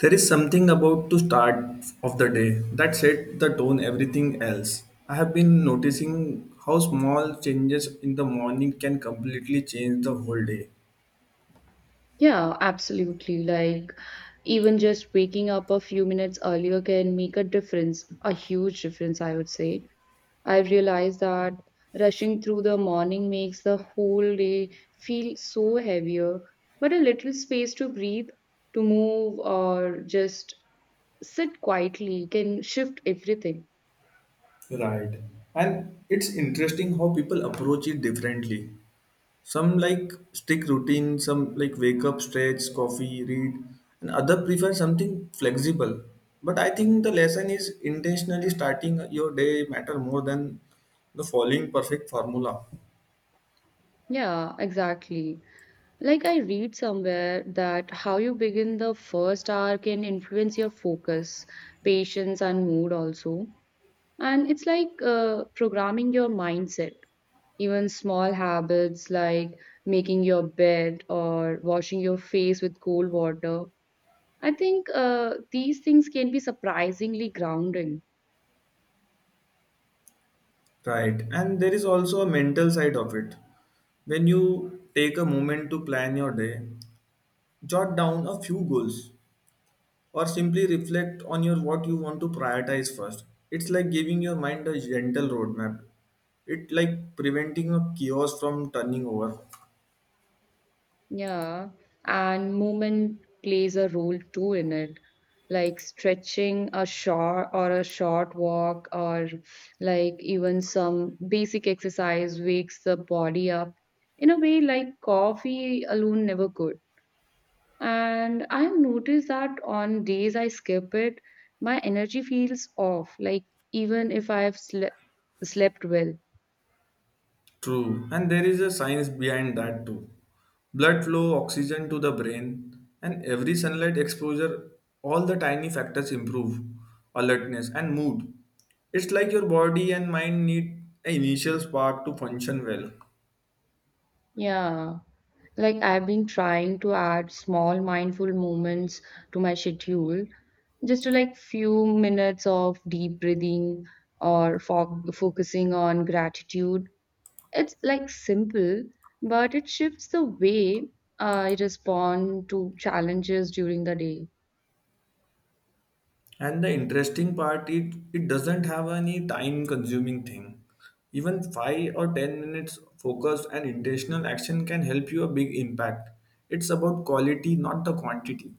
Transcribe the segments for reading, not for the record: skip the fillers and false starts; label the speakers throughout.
Speaker 1: There is something about to start of the day that set the tone everything else. I have been noticing how small changes in the morning can completely change the whole day.
Speaker 2: Yeah, absolutely. Like, even just waking up a few minutes earlier can make a difference, a huge difference, I would say. I realized that rushing through the morning makes the whole day feel so heavier, but a little space to breathe, to move, or just sit quietly can shift everything.
Speaker 1: Right. And it's interesting how people approach it differently. Some like stick routine, some like wake up, stretch, coffee, read, and other prefer something flexible. But I think the lesson is intentionally starting your day matter more than the following perfect formula.
Speaker 2: Yeah, exactly. Like I read somewhere that how you begin the first hour can influence your focus, patience, and mood also. And it's like programming your mindset. Even small habits like making your bed or washing your face with cold water. I think these things can be surprisingly grounding.
Speaker 1: Right. And there is also a mental side of it. When you take a moment to plan your day, jot down a few goals or simply reflect on your what you want to prioritize first. It's like giving your mind a gentle roadmap. It like preventing a chaos from turning over.
Speaker 2: Yeah, and movement plays a role too in it. Like stretching a short or a short walk, or like even some basic exercise wakes the body up in a way like coffee alone never could. And I've noticed that on days I skip it, my energy feels off, like even if I've sle slept well.
Speaker 1: True, and there is a science behind that too. Blood flow, oxygen to the brain, and every sunlight exposure, all the tiny factors improve alertness and mood. It's like your body and mind need an initial spark to function well.
Speaker 2: Yeah. Like I've been trying to add small mindful moments to my schedule, just to like few minutes of deep breathing or focusing on gratitude. It's like simple, but it shifts the way I respond to challenges during the day.
Speaker 1: And the interesting part, it doesn't have any time consuming thing. Even 5 or 10 minutes focused and intentional action can help you a big impact. It's about quality, not the quantity.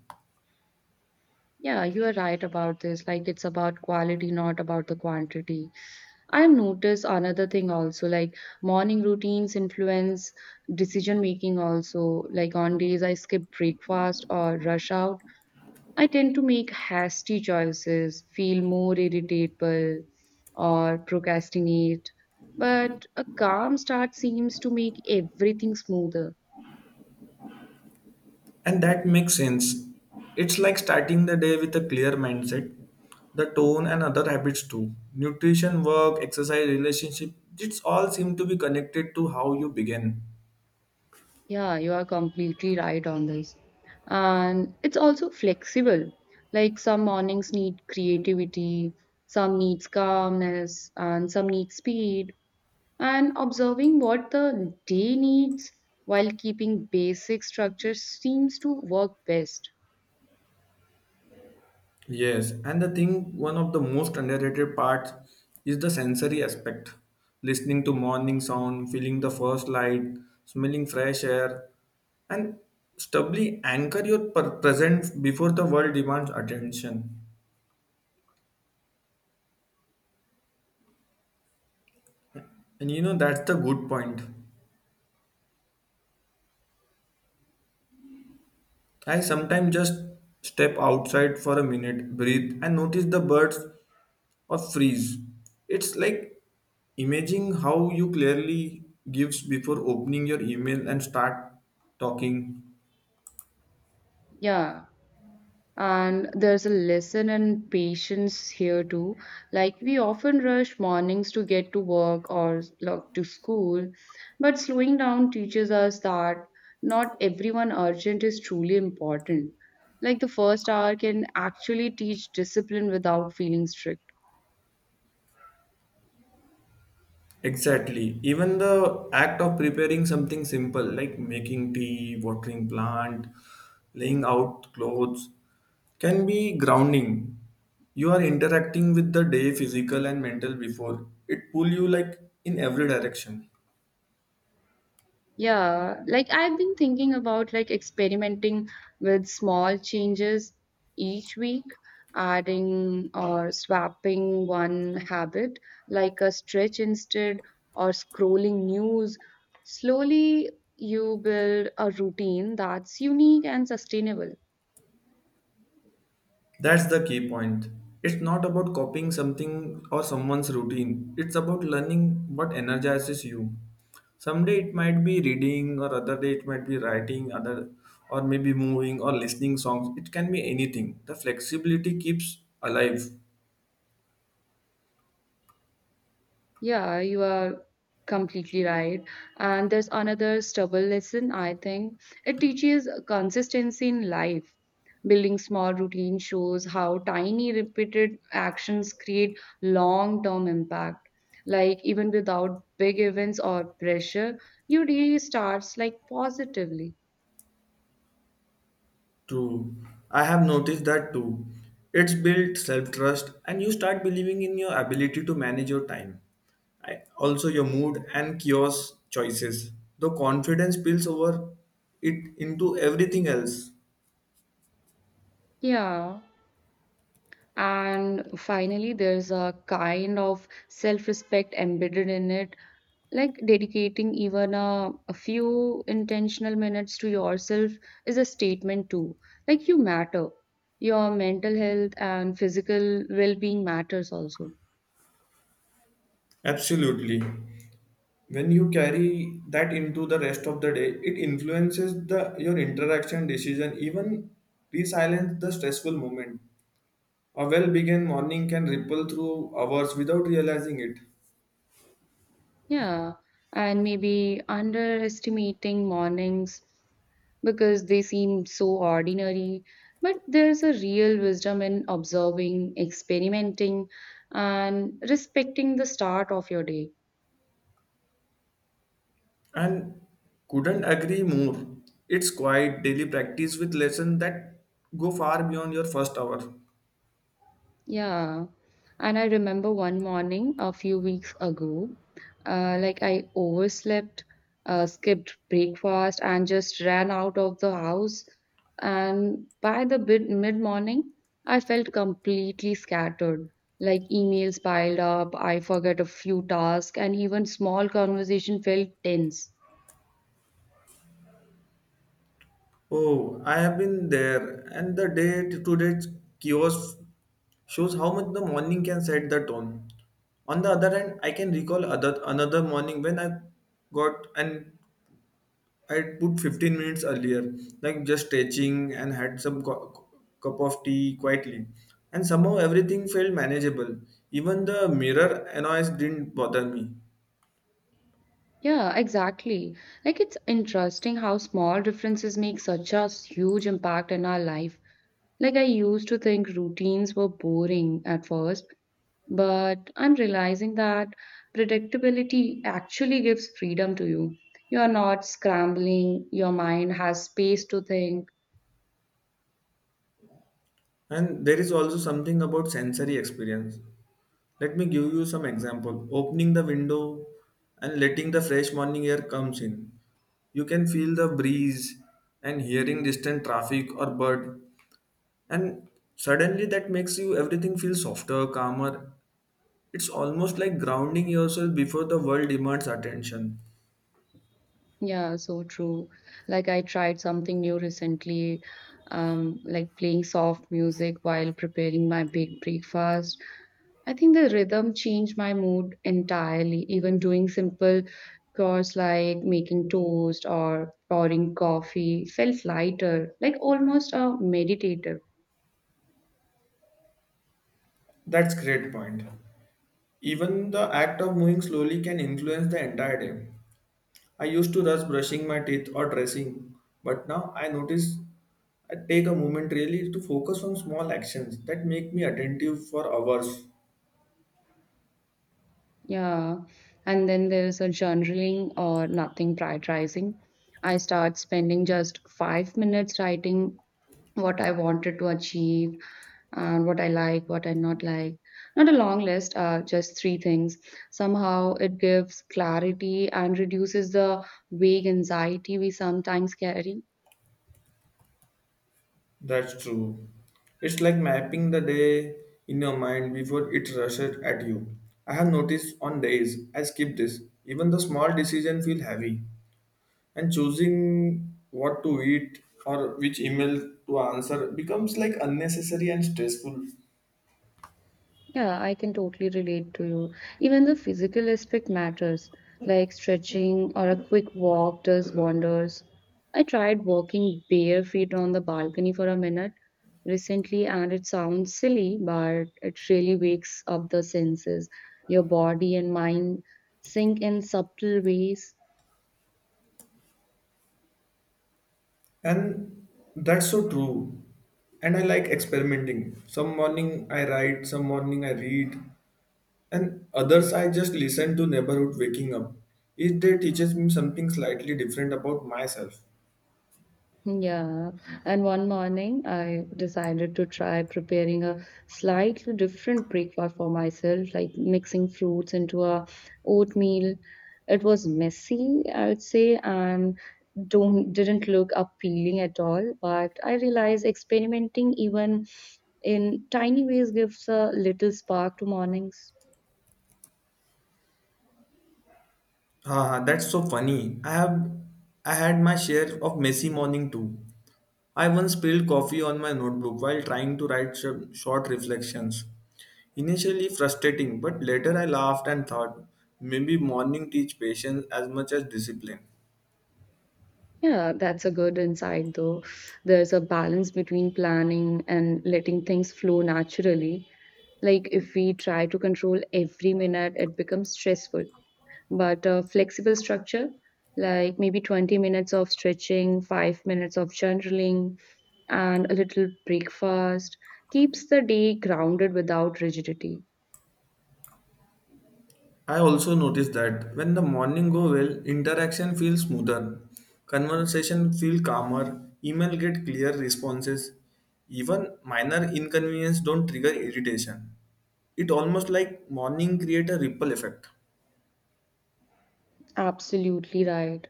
Speaker 2: Yeah, you are right about this. Like it's about quality, not about the quantity. I've noticed another thing also, like morning routines influence decision making also. Like on days I skip breakfast or rush out, I tend to make hasty choices, feel more irritable, or procrastinate. But a calm start seems to make everything smoother.
Speaker 1: And that makes sense. It's like starting the day with a clear mindset, the tone, and other habits too. Nutrition, work, exercise, relationship, it's all seem to be connected to how you begin.
Speaker 2: Yeah, you are completely right on this. And it's also flexible. Like some mornings need creativity, some needs calmness, and some need speed. And observing what the day needs while keeping basic structure seems to work best.
Speaker 1: Yes, and the thing, one of the most underrated parts is the sensory aspect. Listening to morning sound, feeling the first light, smelling fresh air, and stably anchor your present before the world demands attention. And you know, that's the good point. I sometimes just step outside for a minute, breathe, and notice the birds or freeze. It's like imaging how you clearly gives before opening your email and start talking.
Speaker 2: Yeah. And there's a lesson in patience here too. Like we often rush mornings to get to work or like, to school, but slowing down teaches us that not everyone urgent is truly important. Like the first hour can actually teach discipline without feeling strict.
Speaker 1: Exactly. Even the act of preparing something simple like making tea, watering plant, laying out clothes can be grounding. You are interacting with the day physical and mental before. It pull you like in every direction.
Speaker 2: Yeah, like I've been thinking about like experimenting with small changes each week, adding or swapping one habit, like a stretch instead or scrolling news. Slowly, you build a routine that's unique and sustainable.
Speaker 1: That's the key point. It's not about copying something or someone's routine. It's about learning what energizes you. Someday it might be reading, or other day it might be writing, other or maybe moving or listening songs. It can be anything. The flexibility keeps alive.
Speaker 2: Yeah, you are completely right. And there's another stubborn lesson, I think. It teaches consistency in life. Building small routine shows how tiny repeated actions create long-term impact. Like even without big events or pressure, your day starts like positively.
Speaker 1: True. I have noticed that too. It's built self trust and you start believing in your ability to manage your time. I, also, your mood and chaos choices. The confidence spills over it into everything else.
Speaker 2: Yeah. And finally, there's a kind of self respect embedded in it, like dedicating even a few intentional minutes to yourself is a statement too, like you matter, your mental health and physical well-being matters also.
Speaker 1: Absolutely. When you carry that into the rest of the day, it influences the your interaction decision, even re-silence the stressful moment. A well begun morning can ripple through hours without realizing it.
Speaker 2: Yeah, and maybe underestimating mornings because they seem so ordinary. But there's a real wisdom in observing, experimenting, and respecting the start of your day.
Speaker 1: And couldn't agree more. It's quite daily practice with lessons that go far beyond your first hour.
Speaker 2: Yeah. And I remember one morning a few weeks ago, like I overslept, skipped breakfast, and just ran out of the house. And by the bid mid-morning, I felt completely scattered. Like emails piled up, I forgot a few tasks, and even small conversation felt tense.
Speaker 1: Oh, I have been there, and the day to day kiosk shows how much the morning can set the tone. On the other hand, I can recall another morning when I got an I put 15 minutes earlier, like just stretching and had some cu- cup of tea quietly. And somehow everything felt manageable. Even the mirror annoyance didn't bother me.
Speaker 2: Yeah, exactly. Like it's interesting how small differences make such a huge impact in our life. Like, I used to think routines were boring at first, but I'm realizing that predictability actually gives freedom to you. You're not scrambling, your mind has space to think.
Speaker 1: And there is also something about sensory experience. Let me give you some example. Opening the window and letting the fresh morning air comes in. You can feel the breeze and hearing distant traffic or bird and suddenly that makes you everything feel softer, calmer. It's almost like grounding yourself before the world demands attention.
Speaker 2: Yeah, so true. Like, I tried something new recently, like playing soft music while preparing my big breakfast. I think the rhythm changed my mood entirely. Even doing simple chores like making toast or pouring coffee felt lighter, like almost a meditative.
Speaker 1: That's great point. Even the act of moving slowly can influence the entire day. I used to rush brushing my teeth or dressing, but now I notice I take a moment really to focus on small actions that make me attentive for hours.
Speaker 2: Yeah. And then there's a journaling or nothing prioritizing. I start spending just 5 minutes writing what I wanted to achieve, and what I like, what I not like. Not a long list, just three things. Somehow it gives clarity and reduces the vague anxiety we sometimes carry.
Speaker 1: That's true. It's like mapping the day in your mind before it rushes at you. I have noticed on days I skip this. Even the small decision feel heavy, and choosing what to eat or which email to answer becomes like unnecessary and stressful.
Speaker 2: Yeah, I can totally relate to you. Even the physical aspect matters, like stretching or a quick walk does wonders. I tried walking bare feet on the balcony for a minute recently, and it sounds silly, but it really wakes up the senses. Your body and mind sink in subtle ways.
Speaker 1: And that's so true. And I like experimenting, some morning I write, some morning I read, and others I just listen to neighborhood waking up. Each day teaches me something slightly different about myself.
Speaker 2: Yeah, and one morning I decided to try preparing a slightly different breakfast for myself, like mixing fruits into a oatmeal. It was messy, I would say, and don't didn't look appealing at all. But I realized experimenting even in tiny ways gives a little spark to mornings.
Speaker 1: Ah, that's so funny. I had my share of messy morning too. I once spilled coffee on my notebook while trying to write short reflections. Initially frustrating, but later I laughed and thought maybe morning teach patience as much as discipline.
Speaker 2: Yeah, that's a good insight though. There's a balance between planning and letting things flow naturally. Like if we try to control every minute, it becomes stressful. But a flexible structure, like maybe 20 minutes of stretching, 5 minutes of journaling, and a little breakfast, keeps the day grounded without rigidity.
Speaker 1: I also noticed that when the morning go well, interaction feels smoother, conversation feel calmer, email get clear responses, even minor inconvenience don't trigger irritation. It almost like morning create a ripple effect.
Speaker 2: Absolutely right.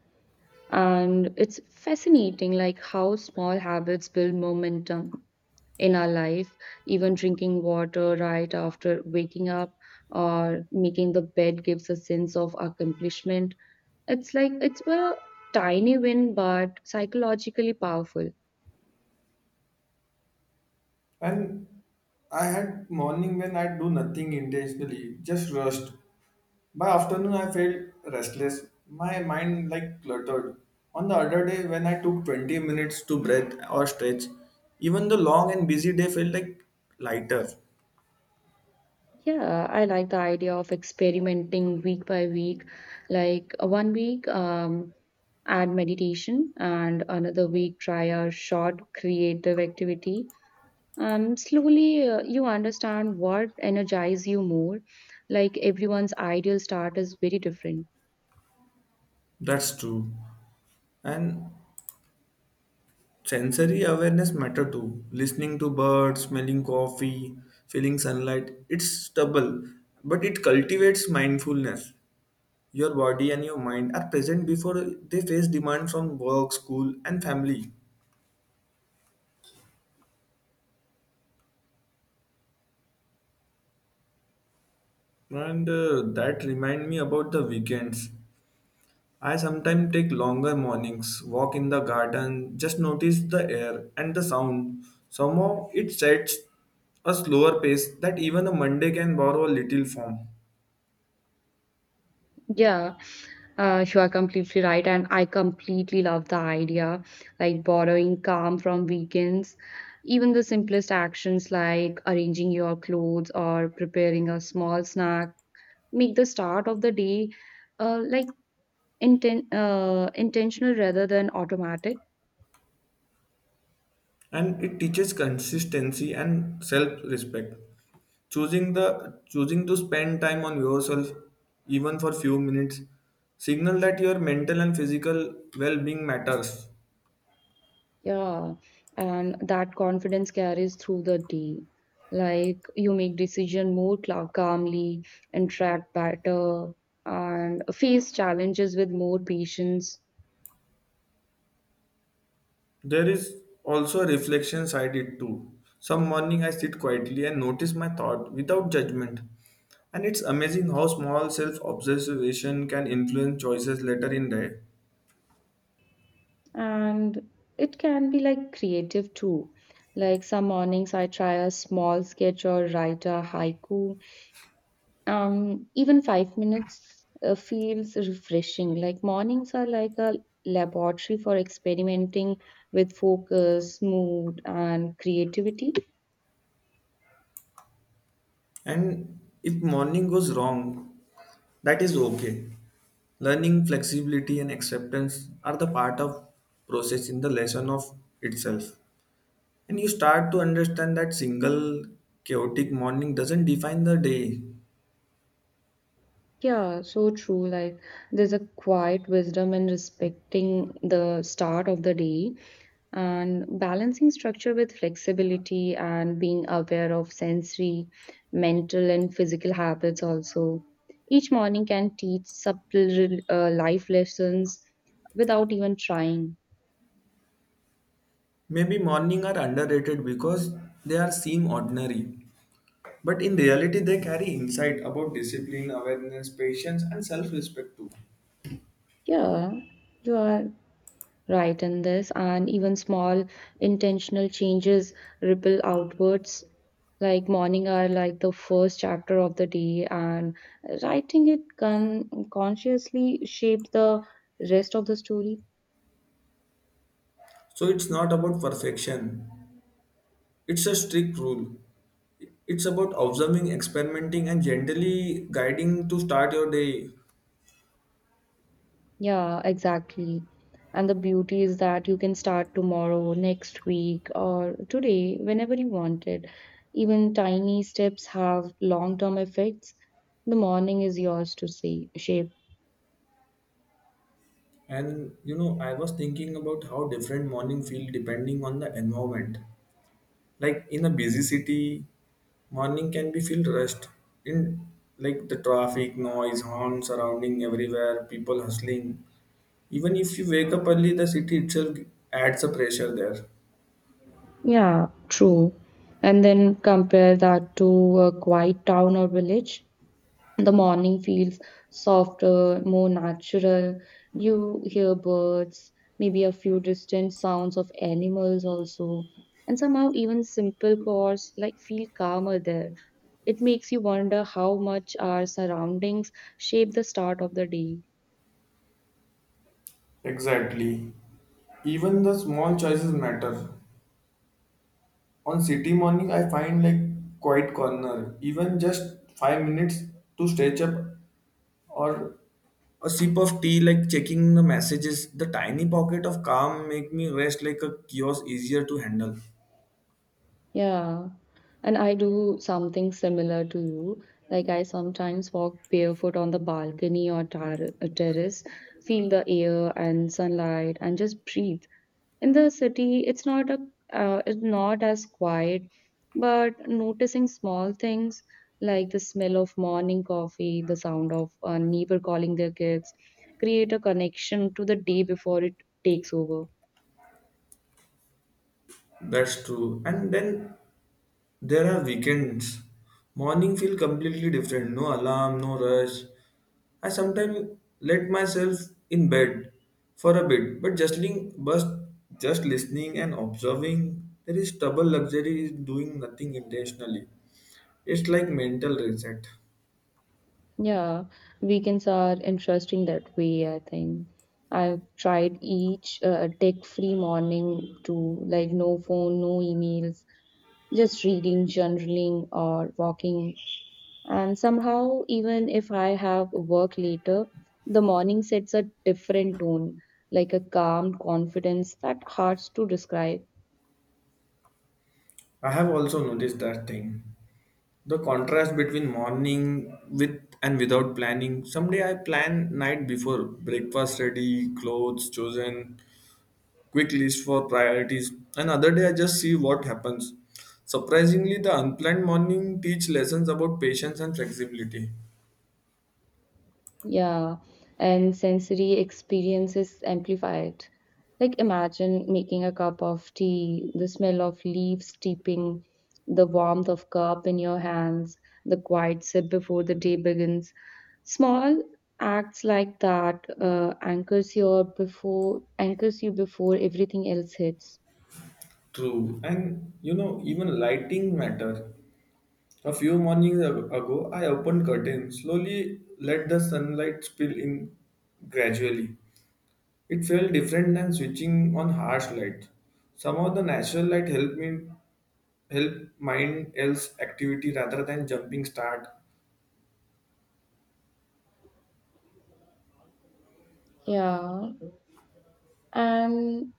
Speaker 2: And it's fascinating like how small habits build momentum in our life, even drinking water right after waking up or making the bed gives a sense of accomplishment. It's like it's a tiny win but psychologically powerful.
Speaker 1: And I had morning when I do nothing intentionally, just rest. By afternoon, I felt restless. My mind like cluttered. On the other day, when I took 20 minutes to breathe or stretch, even the long and busy day felt like lighter.
Speaker 2: Yeah, I like the idea of experimenting week by week. Like one week, add meditation, and another week, try a short creative activity. And slowly you understand what energizes you more. Like everyone's ideal start is very different.
Speaker 1: That's true. And sensory awareness matter too. Listening to birds, smelling coffee, feeling sunlight. It's stubble, but it cultivates mindfulness. Your body and your mind are present before they face demand from work, school, and family. And that remind me about the weekends. I sometimes take longer mornings, walk in the garden, just notice the air and the sound. Somehow it sets a slower pace that even a Monday can borrow a little from.
Speaker 2: Yeah, you are completely right, and I completely love the idea, like borrowing calm from weekends. Even the simplest actions like arranging your clothes or preparing a small snack make the start of the day uh, like intentional rather than automatic.
Speaker 1: And it teaches consistency and self-respect, choosing to spend time on yourself even for few minutes signal that your mental and physical well-being matters.
Speaker 2: Yeah, and that confidence carries through the day. Like you make decision more calmly, interact better, and face challenges with more patience.
Speaker 1: There is also a reflection side it too. Some morning I sit quietly and notice my thought without judgment, and it's amazing how small self-observation can influence choices later in the day.
Speaker 2: And it can be like creative too. Like some mornings I try a small sketch or write a haiku, even 5 minutes feels refreshing. Like mornings are like a laboratory for experimenting with focus, mood, and creativity.
Speaker 1: And if morning goes wrong, that is okay. Learning, flexibility, and acceptance are the part of process in the lesson of itself. And you start to understand that single chaotic morning doesn't define the day.
Speaker 2: Yeah, so true. Like, there's a quiet wisdom in respecting the start of the day and balancing structure with flexibility and being aware of sensory, mental, and physical habits. Also, each morning can teach subtle life lessons without even trying.
Speaker 1: Maybe morning are underrated because they are seem ordinary. But in reality they carry insight about discipline, awareness, patience and self-respect too.
Speaker 2: Yeah, you are right in this, and even small intentional changes ripple outwards. Like morning are like the first chapter of the day, and writing it can consciously shape the rest of the story.
Speaker 1: So it's not about perfection. It's a strict rule. It's about observing, experimenting, and generally guiding to start your day.
Speaker 2: Yeah, exactly. And the beauty is that you can start tomorrow, next week, or today, whenever you want it. Even tiny steps have long-term effects. The morning is yours to see, shape.
Speaker 1: And you know, I was thinking about how different morning feel depending on the environment. Like in a busy city, morning can be feel rushed in like the traffic noise, horn surrounding everywhere, people hustling. Even if you wake up early, the city itself adds a pressure there.
Speaker 2: Yeah, true. And then compare that to a quiet town or village. The morning feels softer, more natural. You hear birds, maybe a few distant sounds of animals also. And somehow, even simple chords like feel calmer there. It makes you wonder how much our surroundings shape the start of the day.
Speaker 1: Exactly. Even the small choices matter. On city morning I find like quiet corner even just 5 minutes to stretch up or a sip of tea, like checking the messages, the tiny pocket of calm make me rest like a kiosk easier to handle.
Speaker 2: Yeah, and I do something similar to you. Like, I sometimes walk barefoot on the balcony or terrace, feel the air and sunlight, and just breathe. In the city, it's not as quiet, but noticing small things like the smell of morning coffee, the sound of a neighbor calling their kids, create a connection to the day before it takes over.
Speaker 1: That's true. And then there are weekends. Morning feel completely different. No alarm, no rush. I sometimes let myself in bed for a bit, but just listening and observing, there is double luxury is doing nothing intentionally. It's like mental reset.
Speaker 2: Yeah, weekends are interesting that way, I think. I've tried each tech-free morning, to like no phone, no emails, just reading, journaling, or walking. And somehow, even if I have work later, the morning sets a different tone, like a calm confidence that hard to describe.
Speaker 1: I have also noticed that thing. The contrast between morning with and without planning. Someday I plan night before breakfast ready, clothes chosen, quick list for priorities. Another day I just see what happens. Surprisingly, the unplanned morning teach lessons about patience and flexibility.
Speaker 2: Yeah, and sensory experiences amplified. Like imagine making a cup of tea, the smell of leaves steeping, the warmth of cup in your hands, the quiet sip before the day begins. Small acts like that anchors you before everything else hits.
Speaker 1: True. And you know, even lighting matter. A few mornings ago, I opened curtains, slowly let the sunlight spill in gradually. It felt different than switching on harsh light. Some of the natural light help mind else activity rather than jumping start.
Speaker 2: Yeah, and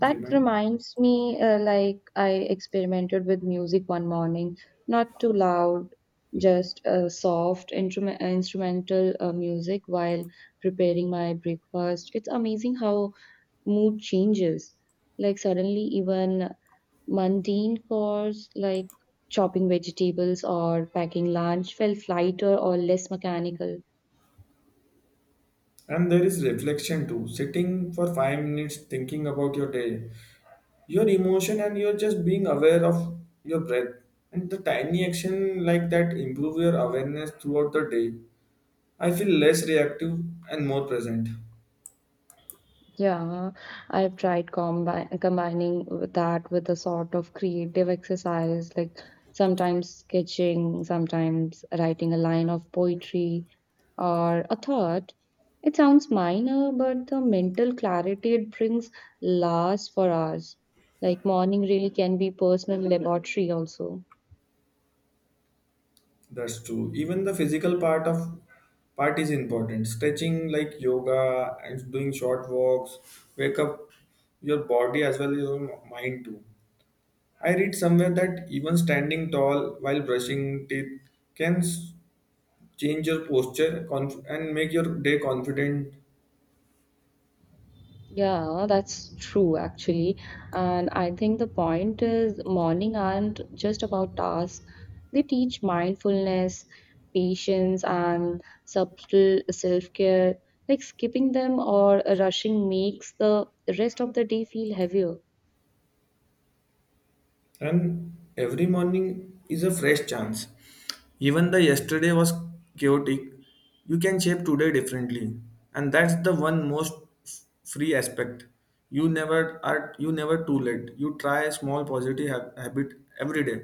Speaker 2: that
Speaker 1: Remind.
Speaker 2: reminds me, like, I experimented with music one morning, not too loud, just instrumental music while preparing my breakfast. It's amazing how mood changes. Like, suddenly, even mundane chores like chopping vegetables or packing lunch felt lighter or less mechanical.
Speaker 1: And there is reflection too. Sitting for 5 minutes thinking about your day, your emotion, and you're just being aware of your breath. And the tiny action like that improve your awareness throughout the day. I feel less reactive and more present.
Speaker 2: Yeah, I've tried combining with that with a sort of creative exercise, like sometimes sketching, sometimes writing a line of poetry or a thought. It sounds minor, but the mental clarity it brings lasts for hours. Like morning really can be personal laboratory also.
Speaker 1: That's true. Even the physical part of part is important. Stretching like yoga and doing short walks, wake up your body as well as your mind too. I read somewhere that even standing tall while brushing teeth can change your posture and make your day confident.
Speaker 2: Yeah, that's true actually. And I think the point is morning aren't just about tasks. They teach mindfulness, patience, and subtle self-care. Like skipping them or rushing makes the rest of the day feel heavier.
Speaker 1: And every morning is a fresh chance. Even the yesterday was chaotic, you can shape today differently. And that's the one most free aspect. You never too late. You try a small positive habit every day.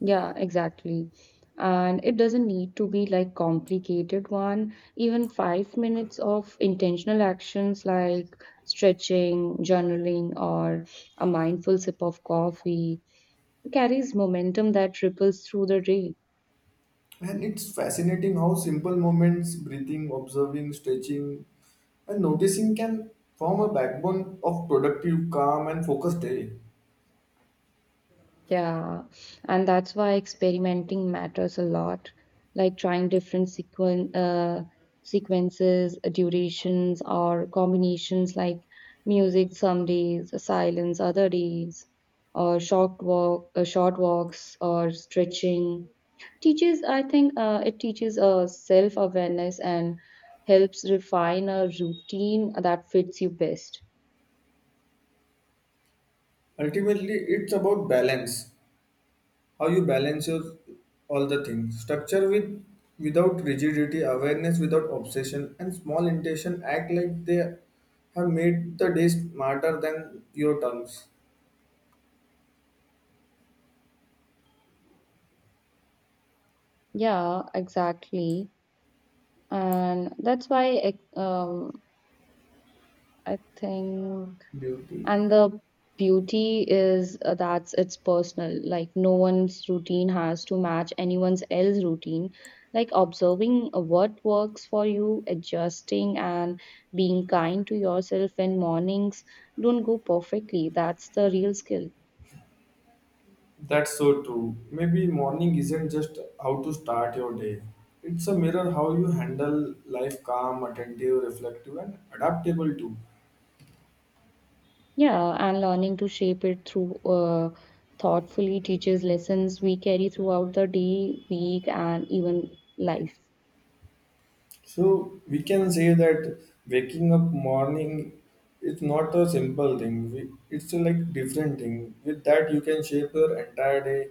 Speaker 2: Yeah, exactly. And it doesn't need to be like complicated one. Even 5 minutes of intentional actions like stretching, journaling, or a mindful sip of coffee carries momentum that ripples through the day.
Speaker 1: And it's fascinating how simple moments, breathing, observing, stretching, and noticing can form a backbone of productive, calm, and focused day.
Speaker 2: Yeah, and that's why experimenting matters a lot, like trying different sequences, durations, or combinations like music some days, silence other days, or short walks, or stretching. Teaches, I think, it teaches self-awareness and helps refine a routine that fits you best.
Speaker 1: Ultimately, it's about balance, how you balance your all the things, structure with without rigidity, awareness without obsession, and small intention act like they have made the day smarter than your terms.
Speaker 2: Yeah, exactly, and that's why ex- I think,
Speaker 1: Beauty.
Speaker 2: and the beauty is that's it's personal. Like no one's routine has to match anyone's else routine. Like observing what works for you, adjusting, and being kind to yourself when mornings don't go perfectly. That's the real skill.
Speaker 1: That's so true. Maybe morning isn't just how to start your day, it's a mirror how you handle life, calm, attentive, reflective and adaptable too.
Speaker 2: Yeah, and learning to shape it through thoughtfully teaches lessons we carry throughout the day, week, and even life.
Speaker 1: So we can say that waking up morning is not a simple thing. We, it's a like different thing. With that, you can shape your entire day.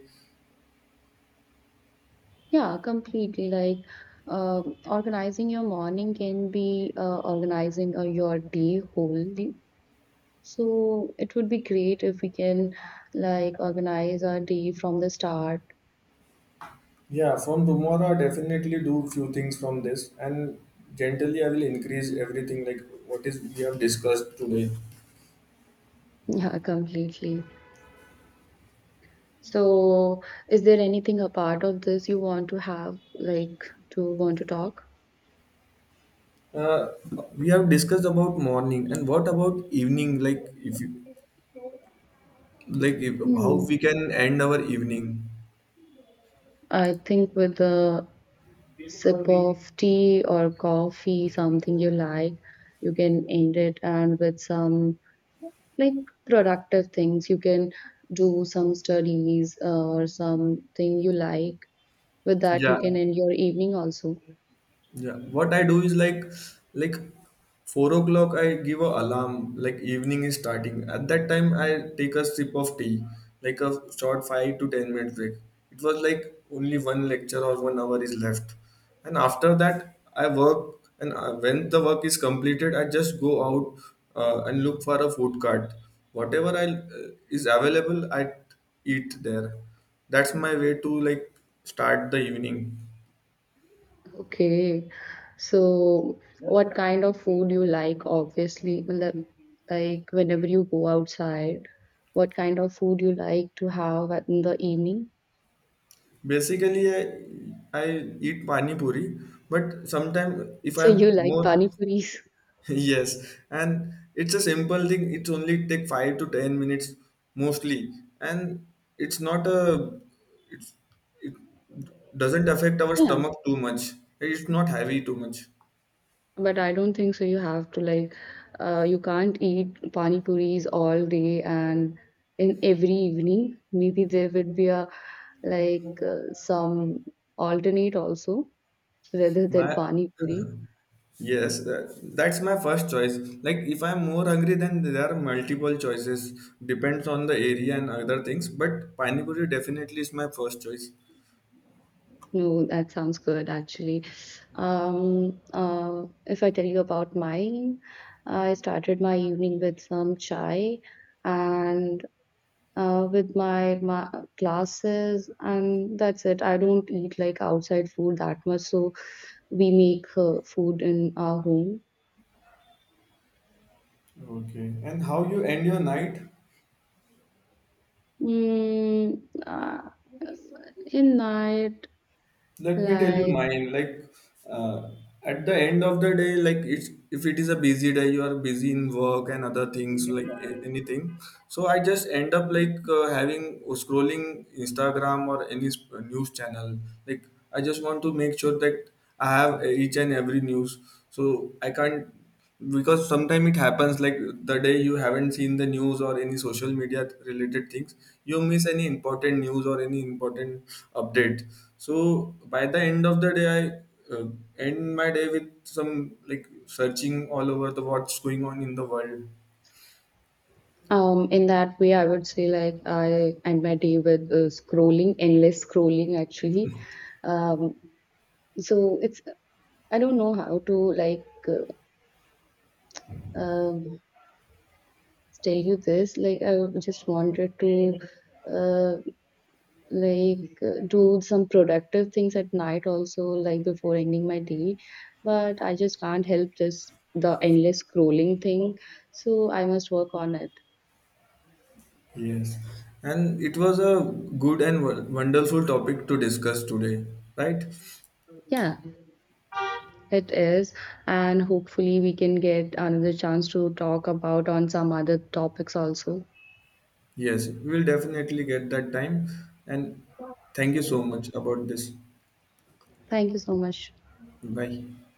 Speaker 2: Yeah, completely. Like organizing your morning can be organizing your day wholly. So it would be great if we can like organize our day from the start.
Speaker 1: Yeah, from tomorrow, I definitely do few things from this, and generally, I will increase everything like what is we have discussed today.
Speaker 2: Yeah, completely. So is there anything apart of this you want to have, like to want to talk?
Speaker 1: Uh, we have discussed about morning, and what about evening? Like if you like if, how
Speaker 2: Hmm.
Speaker 1: we can end our evening.
Speaker 2: I think with a sip of tea or coffee, something you like, you can end it, and with some like productive things, you can do some studies or something you like. With that you
Speaker 1: Yeah,
Speaker 2: can end your evening also.
Speaker 1: Yeah, what I do is like like 4 o'clock I give a alarm like evening is starting. At that time I take a sip of tea, like a short 5 to 10 minute break. It was like only one lecture or 1 hour is left, and after that I work. And when the work is completed, I just go out and look for a food cart. Whatever I is available, I eat there. That's my way to like start the evening.
Speaker 2: Okay, so what kind of food you like? Obviously like whenever you go outside, what kind of food you like to have in the evening?
Speaker 1: Basically, I eat pani puri, but sometimes if
Speaker 2: So
Speaker 1: I'm
Speaker 2: you like
Speaker 1: more
Speaker 2: pani puris?
Speaker 1: yes, and it's a simple thing. It only take 5 to 10 minutes mostly, and it's not a, it doesn't affect our
Speaker 2: Yeah.
Speaker 1: stomach too much. It's not heavy too much.
Speaker 2: But I don't think so. You have to like, you can't eat pani puris all day and in every evening. Maybe there would be a like some alternate also rather than
Speaker 1: My
Speaker 2: pani puri.
Speaker 1: yes, that's my first choice. Like if I'm more hungry, then there are multiple choices. Depends on the area and other things, but pani puri definitely is my first choice.
Speaker 2: No, that sounds good actually. If I tell you about mine, I started my evening with some chai and with my classes, and that's it. I don't eat like outside food that much, so we make food in our home.
Speaker 1: Okay, and how you end your night?
Speaker 2: Mm, uh, in night,
Speaker 1: Let me tell you
Speaker 2: like
Speaker 1: mine. Like uh, at the end of the day, like it's, if it is a busy day, you are busy in work and other things like anything. So I just end up like having scrolling Instagram or any news channel. Like I just want to make sure that I have each and every news. So I can't, because sometimes it happens like the day you haven't seen the news or any social media related things, you miss any important news or any important update. So by the end of the day I end my day with some like searching all over the what's going on in the world.
Speaker 2: in that way, I would say like I end my day with scrolling, endless scrolling actually. Um, so it's, I don't know how to like um, tell you this. Like I just wanted to. Uh, do some productive things at night also, like before ending my day, but I just can't help this, the endless scrolling thing, so I must work on it.
Speaker 1: Yes, and it was a good and wonderful topic to discuss today, right?
Speaker 2: Yeah, it is, and hopefully we can get another chance to talk about on some other topics also.
Speaker 1: Yes, we'll definitely get that time. And thank you so much about this.
Speaker 2: Thank you so much.
Speaker 1: Bye.